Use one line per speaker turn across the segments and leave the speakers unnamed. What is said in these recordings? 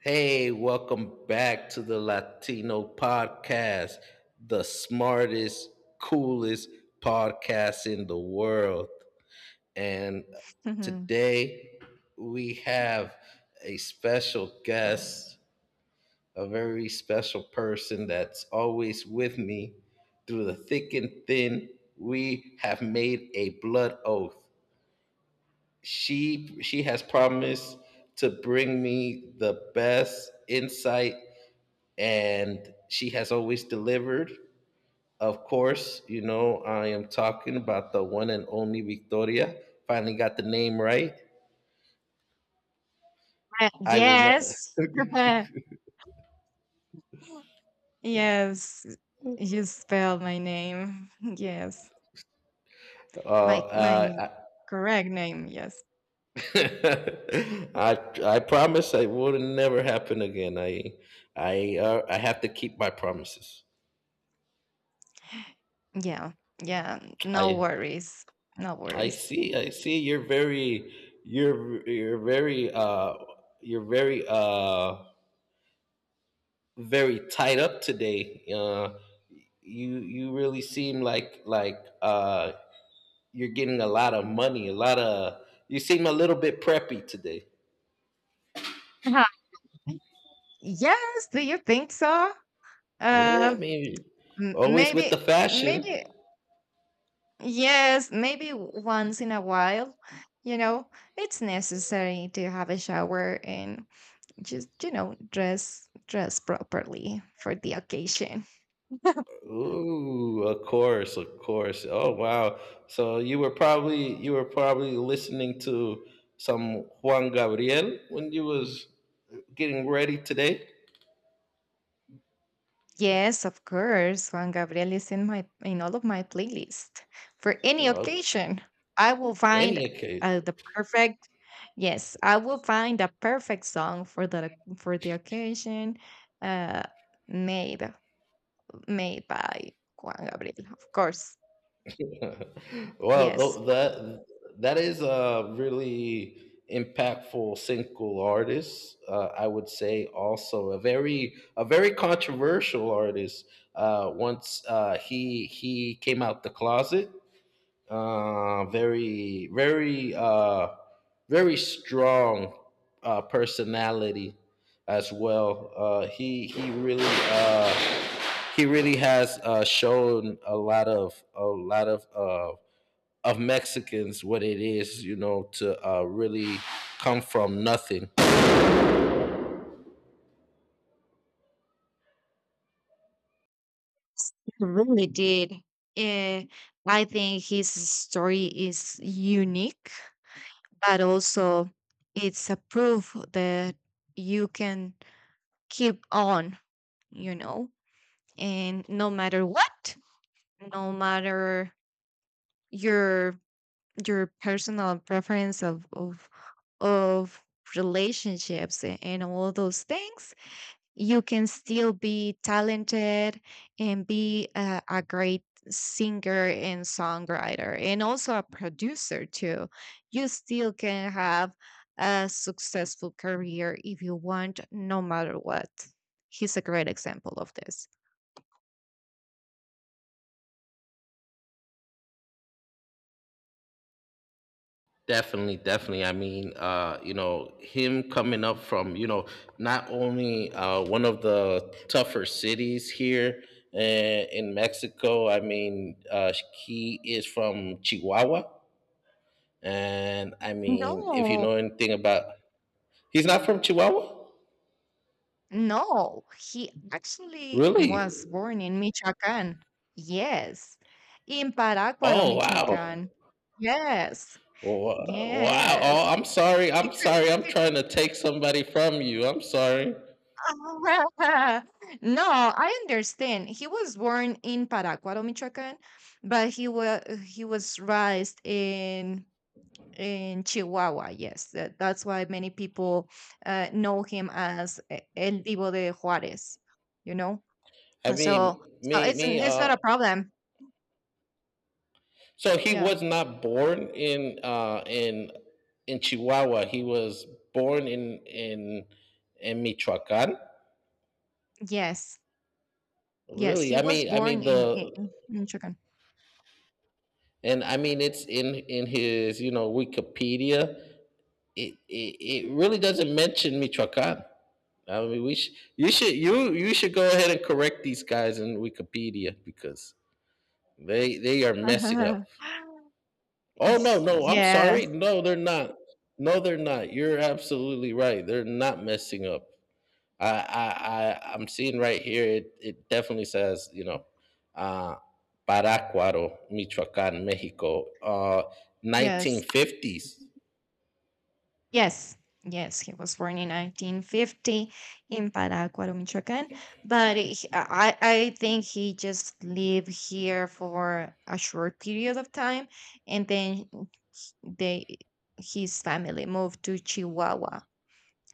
Hey, welcome back to the Latino podcast, the smartest, coolest podcast in the world. And
Mhm.
today we have a special guest, a very special person that's always with me through the thick and thin. We have made a blood oath. She has promised to bring me the best insight and she has always delivered. Of course, I am talking about the one and only Victoria. Finally got the name right. I will ne-
Yes. Yes. You spelled my name. Yes. My my
I,
correct name. Yes.
I I promise I will never happen again. I have to keep my promises.
Yeah. Yeah. No
I
worries. No
I
worries.
see I see you're very very tied up today. You really seem like you're getting a lot of money a lot of you seem a little bit preppy today.
Uh-huh. Yes. Do you think so?
Yeah, I
Uh,
mean,
m-
always with the
maybe,
fashion.
maybe, yes, maybe once in a while. You know, it's necessary to have a shower, and just, dress properly for the occasion.
Ooh, of course, of course. Oh, wow. So you were probably listening to some Juan Gabriel when you was getting ready today.
Yes, of course. Juan Gabriel is in my, in all of my playlist. For any
Well,
occasion, I will
any
find
occasion.
the perfect. Yes, I will find a perfect song for the occasion, uh, made made by Juan Gabriel, of course.
Well,
Yes,
that is a really impactful single artist. I would say also a very controversial artist. Once, he came out the closet, uh, very very uh, very strong personality as well. He really has shown a lot of Mexicans what it is, you know, to really come from nothing.
he really did. Uh, I think his story is unique, but also it's a proof that you can keep on, you know, and no matter what, no matter your your personal preference of of relationships and all those things. You can still be talented and be a great singer and songwriter, and also a producer too. You still can have a successful career if you want, no matter what. He's a great example of this.
Definitely, definitely. I mean, him coming up from, not only one of the tougher cities here, in Mexico. I mean, he is from Chihuahua. And I mean, if you
No,
know anything about, he's not from Chihuahua?
no, he actually
Really?
was born in Michoacán. Yes, in Parácuaro,
Oh, wow.
Michoacán. Yes,
Wow! Wow.
yes.
Oh, I'm sorry.
He
I'm
could,
sorry. I'm
he
trying to take somebody from you. I'm sorry.
No, I understand. He was born in Paracuaro, Michoacán, but he was raised in Chihuahua. Yes, that's why many people know him as El Divo de Juárez. You know,
I
And
mean,
so
me,
it's n-
me.
it's
Uh,
not a problem.
so he
Yeah.
was not born in in Chihuahua. He was born in Michoacan.
Yes. Yes.
Really?
He was
I
born
mean
in
the
in, in Michoacán.
and I mean, it's in his, Wikipedia. It really doesn't mention Michoacan. I mean, you should you should go ahead and correct these guys in Wikipedia, because they are messing up. Oh no, no, I'm
Yes.
sorry. No, they're not. No, they're not. You're absolutely right. They're not messing up. I'm seeing right here. It definitely says, uh, Parácuaro, Michoacán, Mexico,
Yes.
1950s.
Yes, yes, he was born in 1950 in Parácuaro, Michoacán, but I think he just lived here for a short period of time, and then they his family moved to Chihuahua,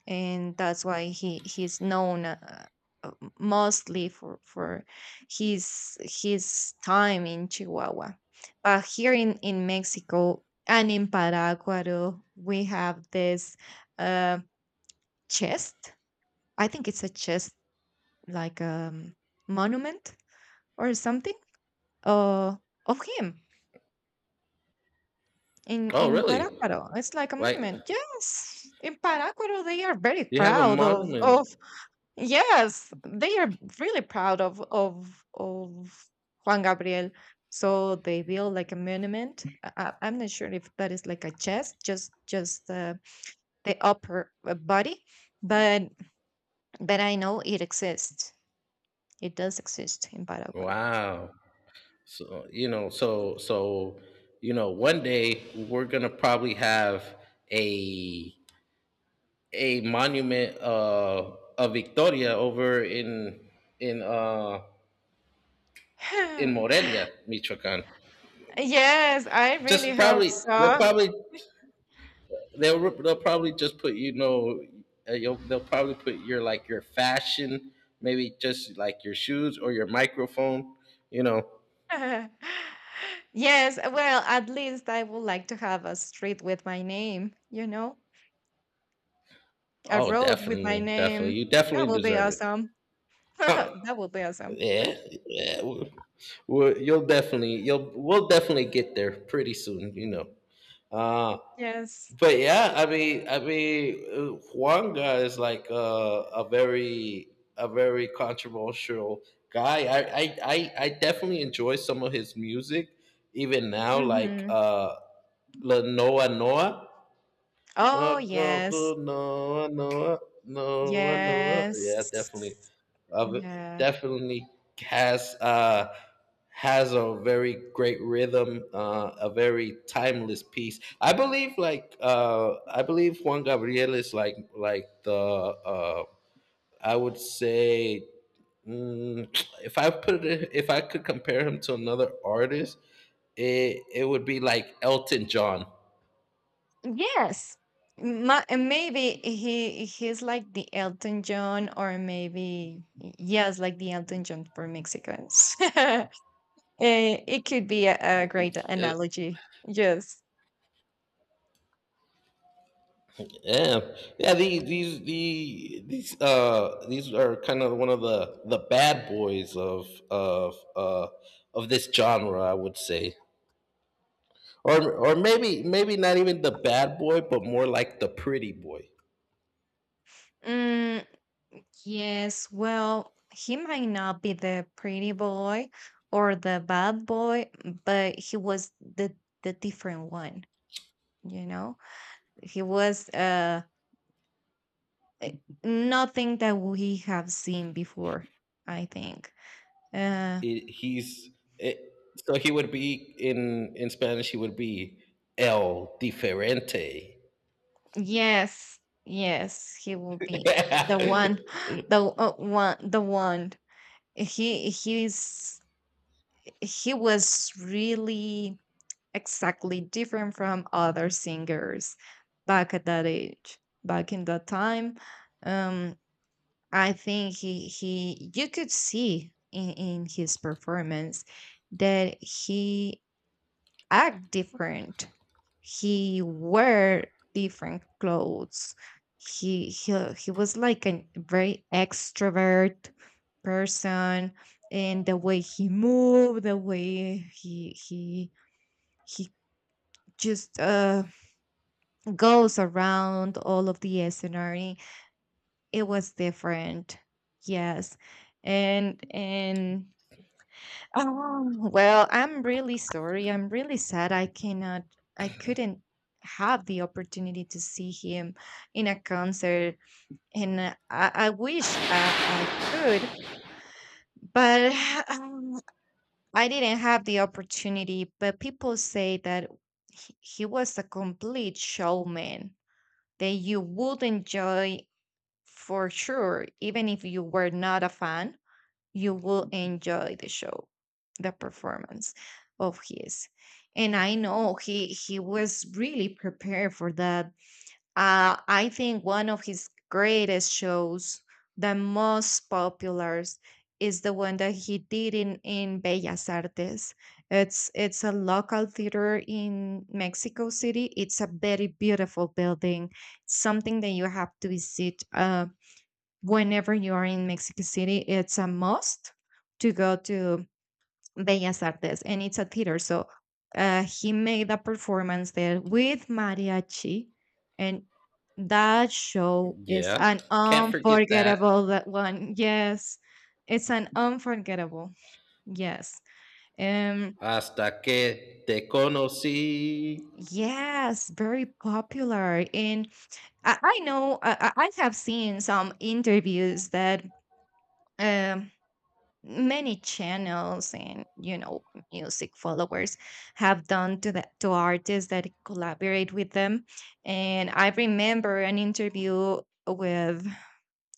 and that's why he's known, uh, mostly for his time in Chihuahua. But here in Mexico and in Paraguay, we have this, uh, chest. I think it's a chest, like a, monument or something, uh, of him in
Oh
in
really?
Parácuaro. It's like a
Like
monument. Yes, in Parácuaro they are very
you have a
proud of
monument.
of Yes, they are really proud of Juan Gabriel. So they build like a monument. I'm not sure if that is like a chest, just the upper, body, but I know it exists. It does exist in Paraguay.
Wow. So one day we're gonna probably have a a monument of Victoria over in uh, in Morelia, Michoacan.
Yes, I
Just
really hope so.
probably they'll probably just put, they'll probably put your like your fashion, maybe just like your shoes or your microphone. You know.
Yes, well, at least I would like to have a street with my name, a
Oh,
road with my
definitely, definitely,
name.
you
That
definitely
will be
deserve it.
awesome.
Huh.
That will be awesome.
Yeah, yeah. We'll- you'll definitely you'll we'll definitely get there pretty soon. You know. Uh
Yes.
but yeah, I mean, Juan guy is like a very a very controversial guy. I definitely enjoy some of his music even now, like,
Mm-hmm.
La Noa Noa.
Oh,
Go
yes.
to Noa Noa Noa Noa. Yeah,
Yes.
of
Yeah.
definitely has uh, has a very great rhythm, a very timeless piece. I believe Juan Gabriel is like the I would say, mm, if I could compare him to another artist, it would be like Elton John.
Yes. And maybe he's like the Elton John, or maybe yes, like the Elton John for Mexicans. It could be a great analogy. Yes.
Yeah, yeah. These these are kind of one of the bad boys of this genre, I would say, or maybe not even the bad boy, but more like the pretty boy.
Mm, yes. Well, he might not be the pretty boy or the bad boy, but he was the different one. You know, he was, eh, nothing that we have seen before, I think. Uh,
It, he's it, so he would be in Spanish. He would be el diferente.
yes, yes, he will be the one, the, one, the one. He he's he was really exactly different from other singers back at that age, back in that time, um I think he you could see in his performance that he act different. He wear different clothes. He was like a very extrovert person, and the way he moved, the way he just, goes around all of the scenery. It was different. Yes, and oh, well, I'm really sorry. I'm really sad. I couldn't have the opportunity to see him in a concert. And, I wish I could, but um, I didn't have the opportunity. But people say that he was a complete showman that you would enjoy for sure. Even if you were not a fan, you will enjoy the show, the performance of his. And I know he was really prepared for that. I think one of his greatest shows, the most popular, is the one that he did in Bellas Artes. It's a local theater in Mexico City. It's a very beautiful building, something that you have to visit. Whenever you are in Mexico City, it's a must to go to Bellas Artes, and it's a theater. So, he made a performance there with mariachi, and that show is
Yeah,
an
can't forget that.
unforgettable that one. Yes, it's an unforgettable. Yes. Um.
Hasta que te conocí.
Yes, very popular. And I know I have seen some interviews that, um many channels and, music followers have done to the, to artists that collaborate with them. And I remember an interview with,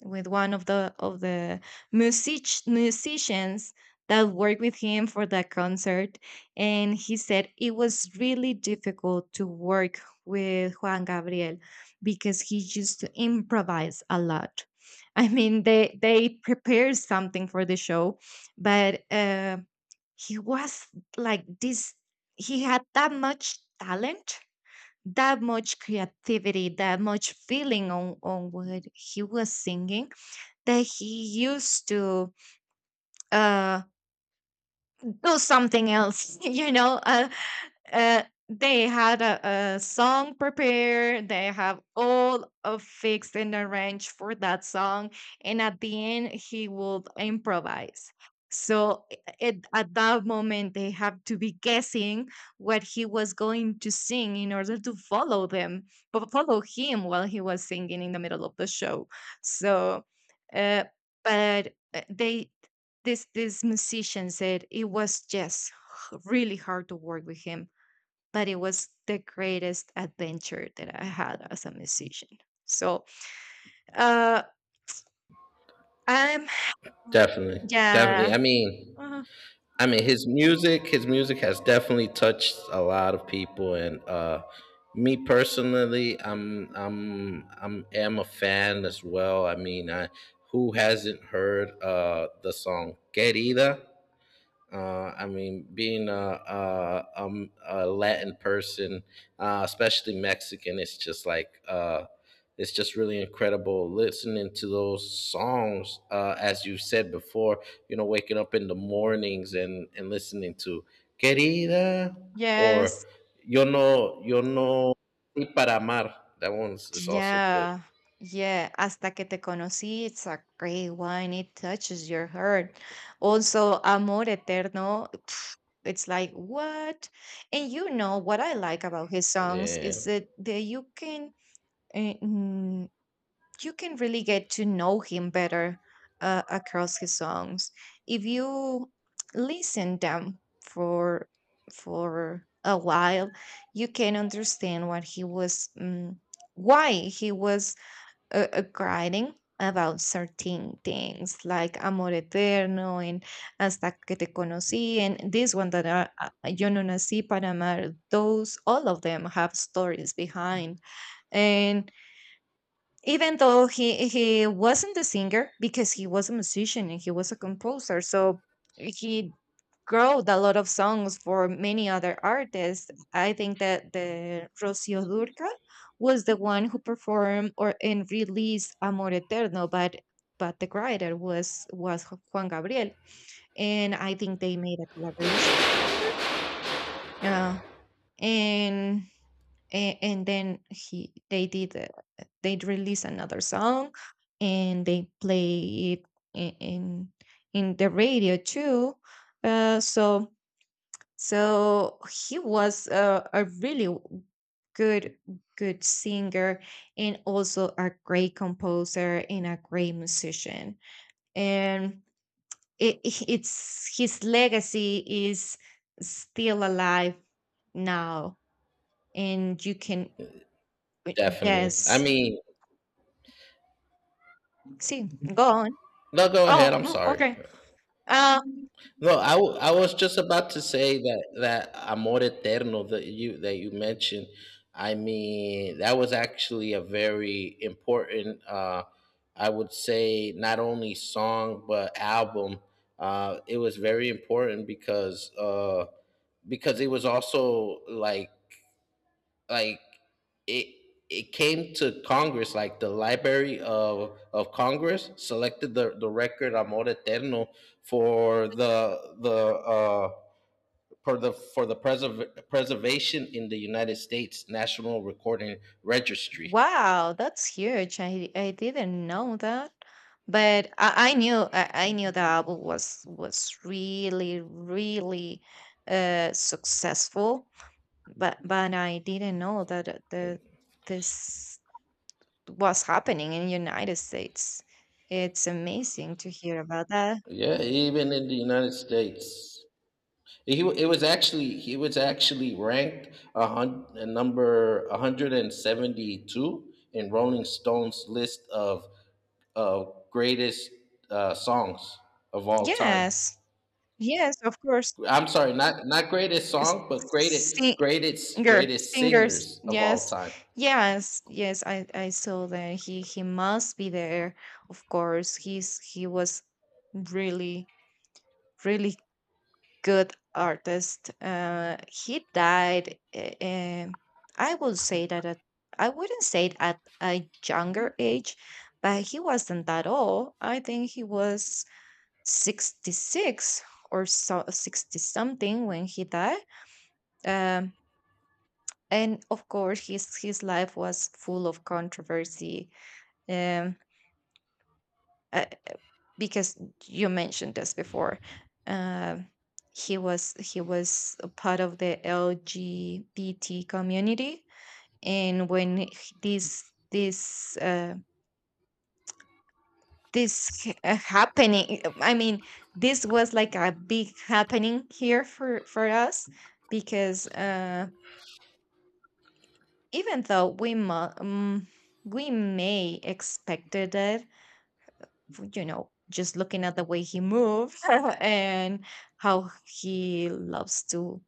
one of the, music musicians that worked with him for that concert, and he said it was really difficult to work with Juan Gabriel because he used to improvise a lot. I mean, they prepared something for the show, but, he was like this. He had that much talent, that much creativity, that much feeling on what he was singing, that he used to, uh do something else. Uh, they had, a song prepared. They have all of fixed and arranged for that song, and at the end he would improvise. So, it, at that moment they have to be guessing what he was going to sing in order to follow them, but follow him while he was singing in the middle of the show. So, uh, but, they this musician said it was just, really hard to work with him, but it was the greatest adventure that I had as a musician. So, uh, I'm,
Definitely, definitely.
yeah.
I mean,
uh,
his music, has definitely touched a lot of people, and me personally, am a fan as well. I mean, I who hasn't heard the song "Querida." I mean, being a Latin person, especially Mexican, it's just like, it's just really incredible listening to those songs. As you said before, you know, waking up in the mornings and listening to "Querida" or
Yes.
Yo no y para amar." That one's is also good.
Yeah. Yeah. Hasta que te conocí. It's a great one. It touches your heart. Also, Amor Eterno. It's like, what? And, what I like about his songs
Yeah,
is that, you can. eh, you can really get to know him better, across his songs. If you listen them for a while, you can understand what he was, why he was, writing about certain things like Amor Eterno and Hasta que te conocí, and this one that are, Yo no nací para amar. Those all of them have stories behind, even though he wasn't a singer because he was a musician and he was a composer. So he wrote a lot of songs for many other artists. I think that the rocio durcal was the one who performed or and released Amor Eterno, but the writer was Juan Gabriel. And I think they made a collaboration together, uh, and and then he they did, they'd release another song, and they play it, i- in in the radio too. So he was, a really, good good singer, and also a great composer and a great musician. And, it, it's his legacy is still alive now. And you can, uh,
definitely. I
yes,
mean,
see, go on.
no, go
Oh,
ahead. I'm sorry.
okay. Um,
No, I was just about to say that amor eterno that you mentioned. I mean, that was actually a very important, I would say, not only song but album. It was very important because, because it was also like it it came to Congress, like the Library of Congress selected the record Amor Eterno for the for the for the preservation in the United States National Recording Registry.
wow, that's huge. I didn't know that. But I knew the album was really, really, successful. But I didn't know that, the this what's happening in United States. It's amazing to hear about that.
Yeah, even in the United States, he was actually ranked number 172 in Rolling Stone's list of greatest songs of all time.
Yes. Yes, of course.
I'm sorry, not greatest
It's,
song, but
s-
greatest greatest greatest
singers.
singers of all
Yes.
time.
Yes. Yes, I saw that he must be there. Of course, he was really, really good artist. He died, I would say that, I wouldn't say at a younger age, but he wasn't that old. I think he was 66 or so, sixty something when he died. Um, and of course, his life was full of controversy. Um, uh, because you mentioned this before, uh, he was a part of the LGBT community. And when, this happening, I mean, this was like a big happening here for us. Because, even though we, we may expected it, you know, just looking at the way he moves and how he loves to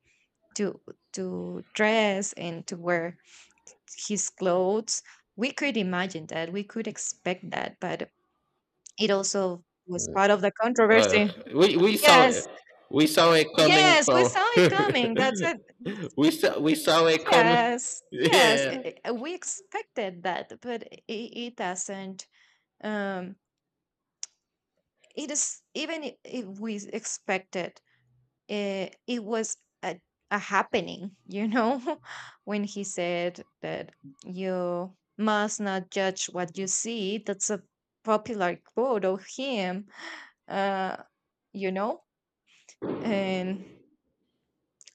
to to dress and to wear his clothes, we could imagine that, we could expect that, but it also was part of the
Uh,
controversy.
we saw it.
Yes,
We saw it coming
yes, we
from.
saw it coming. That's it.
We saw it coming.
Yes, yes,
Yeah.
we expected that, but it doesn't. Um, it is, even if we expected it, it, was, a, a happening, you know, when he said that you must not judge what you see. That's a popular quote of him, uh, you know, and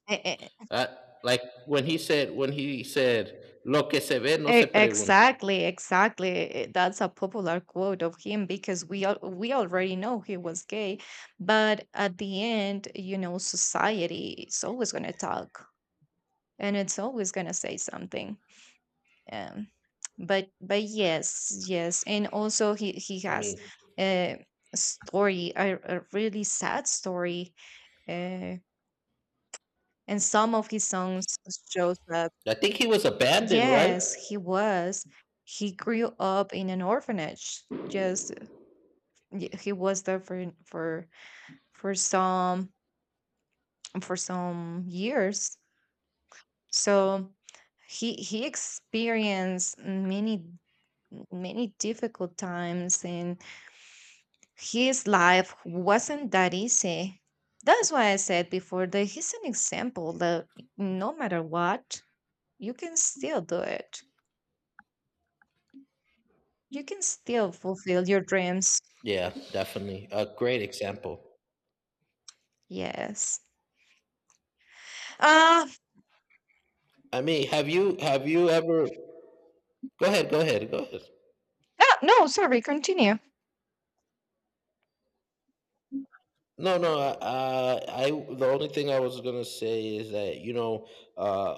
e- e-
Uh, like when he said lo que se ve no se pregunta.
exactly, exactly. That's a popular quote of him because we already know he was gay, but at the end, society is always gonna talk and it's always gonna say something. um, but yes, and also he
I
has
mean,
a story, a really sad story, uh, and some of his songs shows up.
I think he was abandoned, right?
Yes, he was. He grew up in an orphanage. He was there for for some some years. So he experienced many, many difficult times, and his life wasn't that easy. That's why I said before that he's an example that no matter what, you can still do it. You can still fulfill your dreams.
Yeah, definitely. A great example.
Yes. Uh,
I mean, have you ever? Go ahead. Go ahead. Go ahead.
no, sorry, continue.
No, no. I The only thing I was gonna say is that, you know, uh,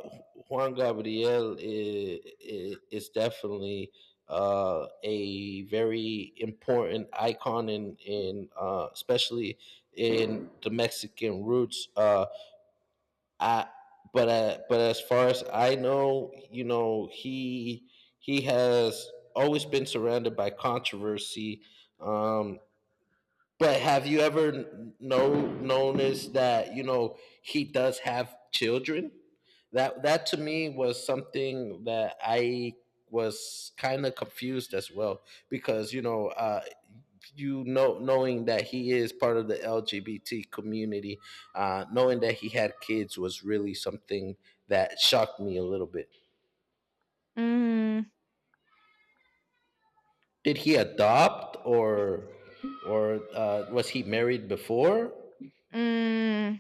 Juan Gabriel is definitely a very important icon in especially in the Mexican roots. I But, but as far as I know, you know, he has always been surrounded by controversy. Um, but have you ever kn- know noticed that you know he does have children? That to me was something that I was kind of confused as well, because, you know, knowing that he is part of the LGBT community, knowing that he had kids was really something that shocked me a little bit.
Mm,
Did he adopt, or was he married before?
mm,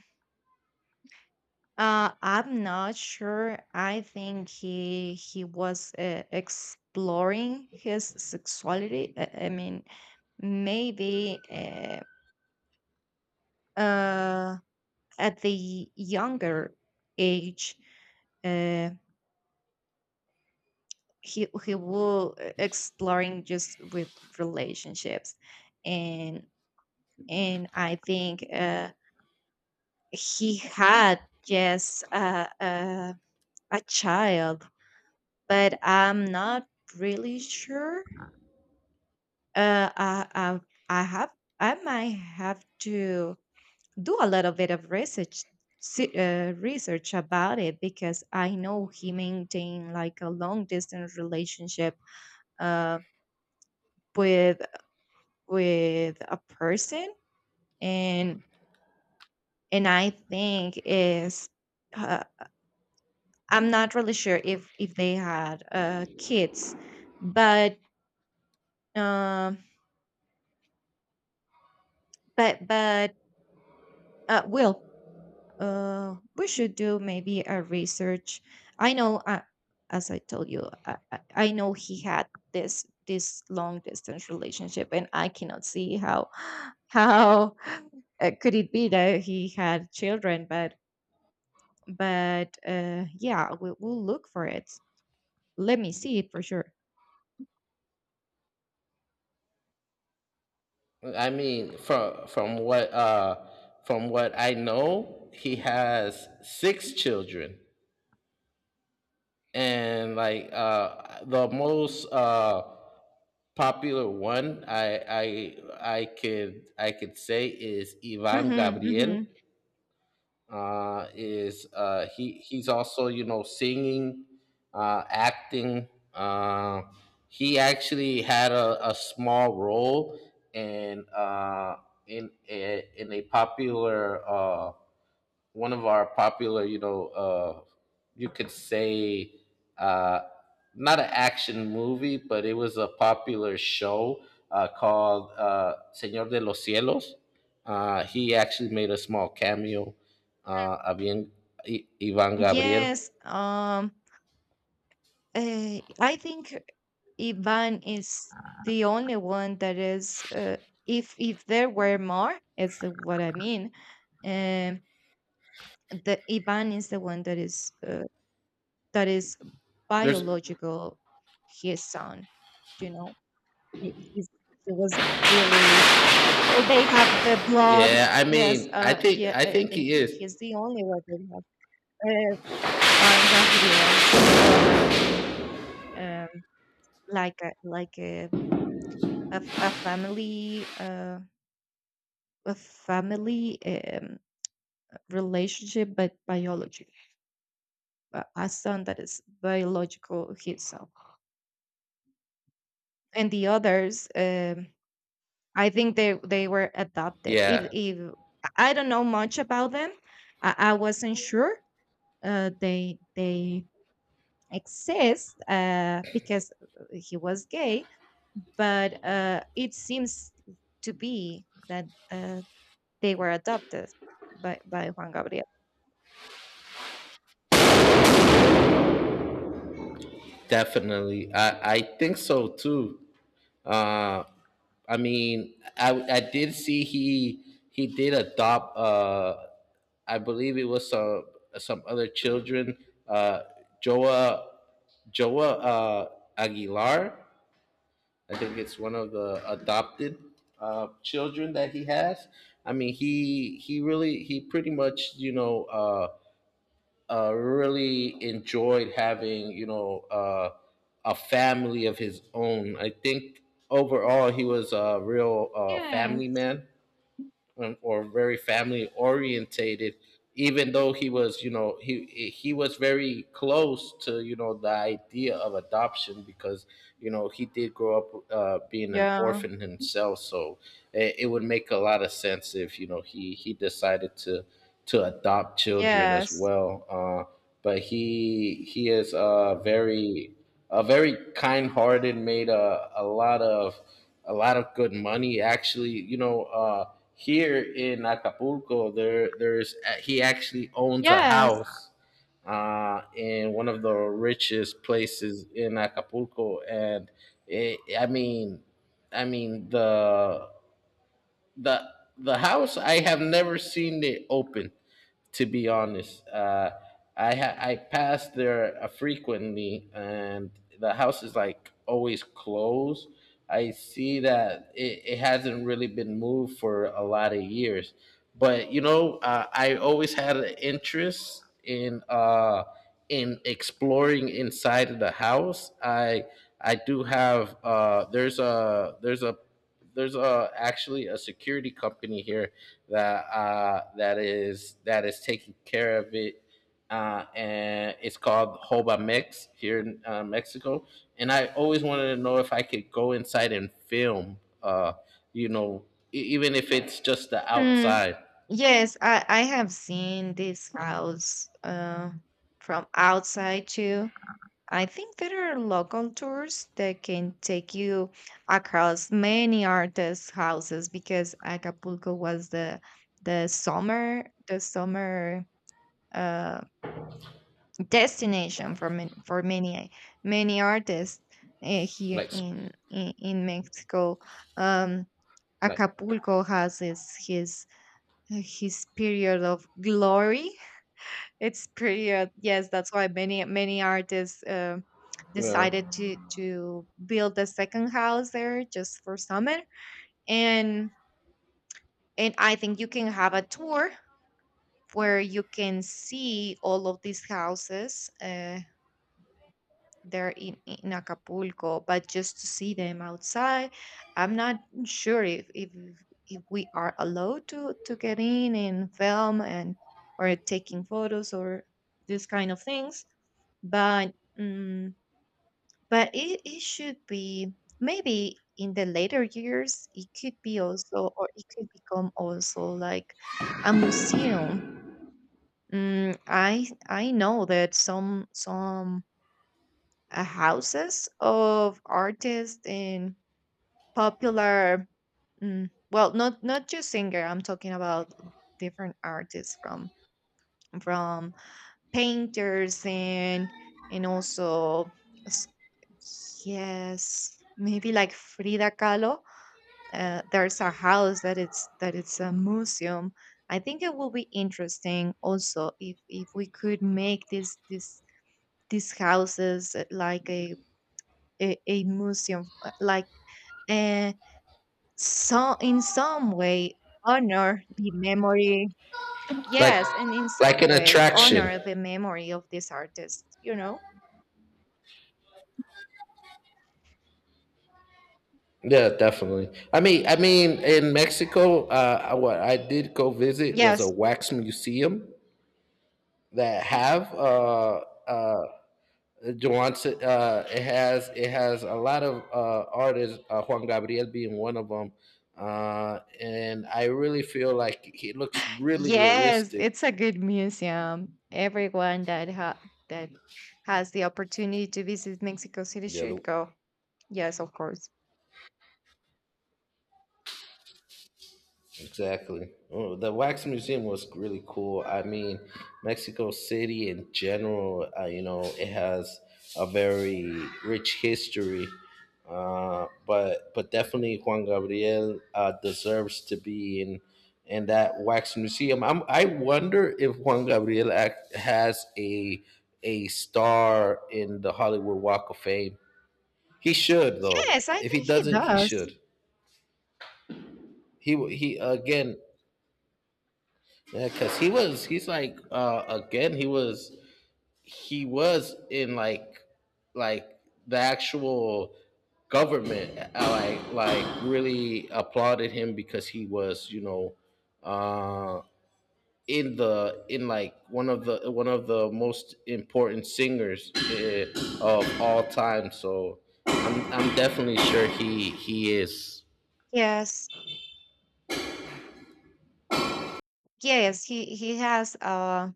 I'm not sure. I think he was exploring his sexuality. I mean, maybe uh at the younger age, uh, he will, exploring just with relationships. and and I think he had just a child, but I'm not really sure. uh i i, I have, I might have to do a little bit of research. Research about it, because I know he maintained like a long distance relationship, uh, with with a person, and and I think is, uh, I'm not really sure if they had, kids. But um but but uh, well, we should do maybe a research. I know, as I told you, I I know he had this this long distance relationship, and I cannot see how how, could it be that he had children? But yeah, we'll look for it. Let me see it for sure.
I mean, from what I know, he has six children, and like, the most popular one, I could say, is Ivan
Mm-hmm,
Gabriel.
mm-hmm.
Is He's also, you know, singing, acting. uh, he actually had a small role in uh, in a popular, one of our popular, you know, you could say, uh, not an action movie, but it was a popular show, called, Señor de los Cielos. He actually made a small cameo, Avian, Ivan Gabriel.
yes um I think Ivan is the only one that is. If there were more, is the- what I mean. Um, the Ivan is the one that is, that is
There's,
biological. His son, you know, he, he's, he was really, they have the blood.
yeah, I
Yes,
mean,
yeah,
I
I
think
think
he is.
he's the only one that has, uh, Juan Gabriel's blood. I mean, um, like a like a family, a family, relationship but biology. A son that is biological himself, and the others, I think they were adopted. if
Yeah,
if I don't know much about them. I wasn't sure they exist, because he was gay, but it seems to be that, uh, they were adopted by Juan Gabriel.
definitely. I think so too. Uh, I mean, I did see he did adopt. I believe it was some other children. Uh, Joa Joa Aguilar. I think it's one of the adopted children that he has. I mean, he pretty much, you know, really enjoyed having, a family of his own. I think overall he was a real family
Yes.
man, or very family orientated, even though he was, you know, he was very close to, you know, the idea of adoption, because you know he did grow up being an
Yeah.
orphan himself, so it would make a lot of sense if, you know, he decided to adopt children as
Yes.
well, but he is very, very kind-hearted, made a lot of good money. Actually, you know, here in Acapulco, there there's he actually owns a
Yes.
house in one of the richest places in Acapulco, and, it, I mean the the house I have never seen it open. To be honest, I pass there frequently, and the house is like always closed. I see that it hasn't really been moved for a lot of years, but you know, I always had an interest in exploring inside of the house. I do have there's a there's a there's actually a security company here that is taking care of it, and it's called Hoba Mex here in, Mexico, and I always wanted to know if I could go inside and film, uh you know, even if it's just the
Mm,
outside,
yes, I have seen this house, from outside too. I think there are local tours that can take you across many artists' houses, because Acapulco was the the summer, uh, destination for many, for many artists, here
like
in in Mexico. Um,
like
Acapulco has his period of glory. It's period, yes. That's why many, many artists,
yeah,
decided to build a second house there just for summer. And and I think you can have a tour where you can see all of these houses, they're in Acapulco, but just to see them outside. I'm not sure if we are allowed to get in and film, and or taking photos, or this kind of things. But um, but it, it should be, maybe in the later years it could be also, or it could become also like a museum. Mm, I know that some, houses of artists, and popular, mm, well not not just singer. I'm talking about different artists, from painters, and also s- yes, maybe like Frida Kahlo. Uh, there's a house that it's a museum. I think it will be interesting also if we could make this, these houses, like a, a museum, uh, so in some way honor the memory.
like
Yes, and in
like
some
an
way
attraction.
honor the memory of this artist. You know.
Yeah, definitely. I mean, in Mexico, what I did go visit was a
Yes,
wax museum, that have, uh, Joance, it has a lot of artists, Juan Gabriel being one of them, and I really feel like he looks really
yes,
realistic.
it's a good museum. That has the opportunity to visit Mexico City
Yeah, the
should go. Yes, of course.
exactly. Oh, the wax museum was really cool. I mean, Mexico City in general, you know, it has a very rich history. But definitely Juan Gabriel deserves to be in that wax museum. I wonder if Juan Gabriel has a star in the Hollywood Walk of Fame. He should though.
Yes, I
If he
think he
doesn't, he
does.
should. He again. Yeah, because he's like, again, he was in like, like the actual government, really applauded him, because he was, you know, uh in the, in like, one of the most important singers, of all time. So, I'm definitely sure he is.
Yes. Yes, he has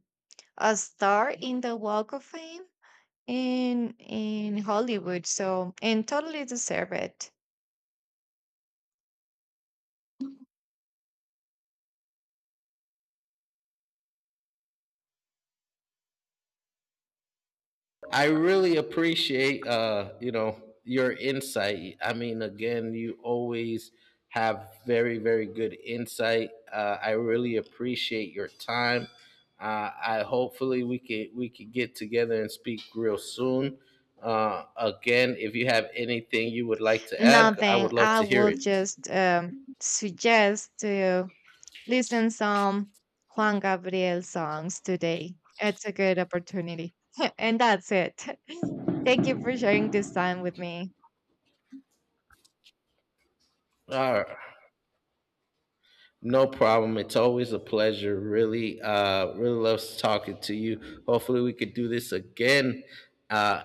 a star in the Walk of Fame, in Hollywood, so and totally deserve it.
I really appreciate, you know, your insight. I mean, again, you always have very, very good insight. I really appreciate your time. I Hopefully we can get together and speak real soon. Again, if you have anything you would like to add, I
Nothing.
would love
I
to hear
will
it.
just, suggest to listen some Juan Gabriel songs today. It's a good opportunity. And that's it. Thank you for sharing this time with me.
All right. No problem. It's always a pleasure. Really, really loves talking to you. Hopefully, we could do this again. Uh,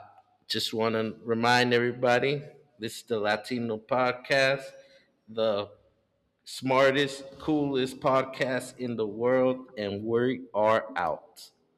just want to remind everybody this is the Latino podcast, the smartest, coolest podcast in the world, and we are out.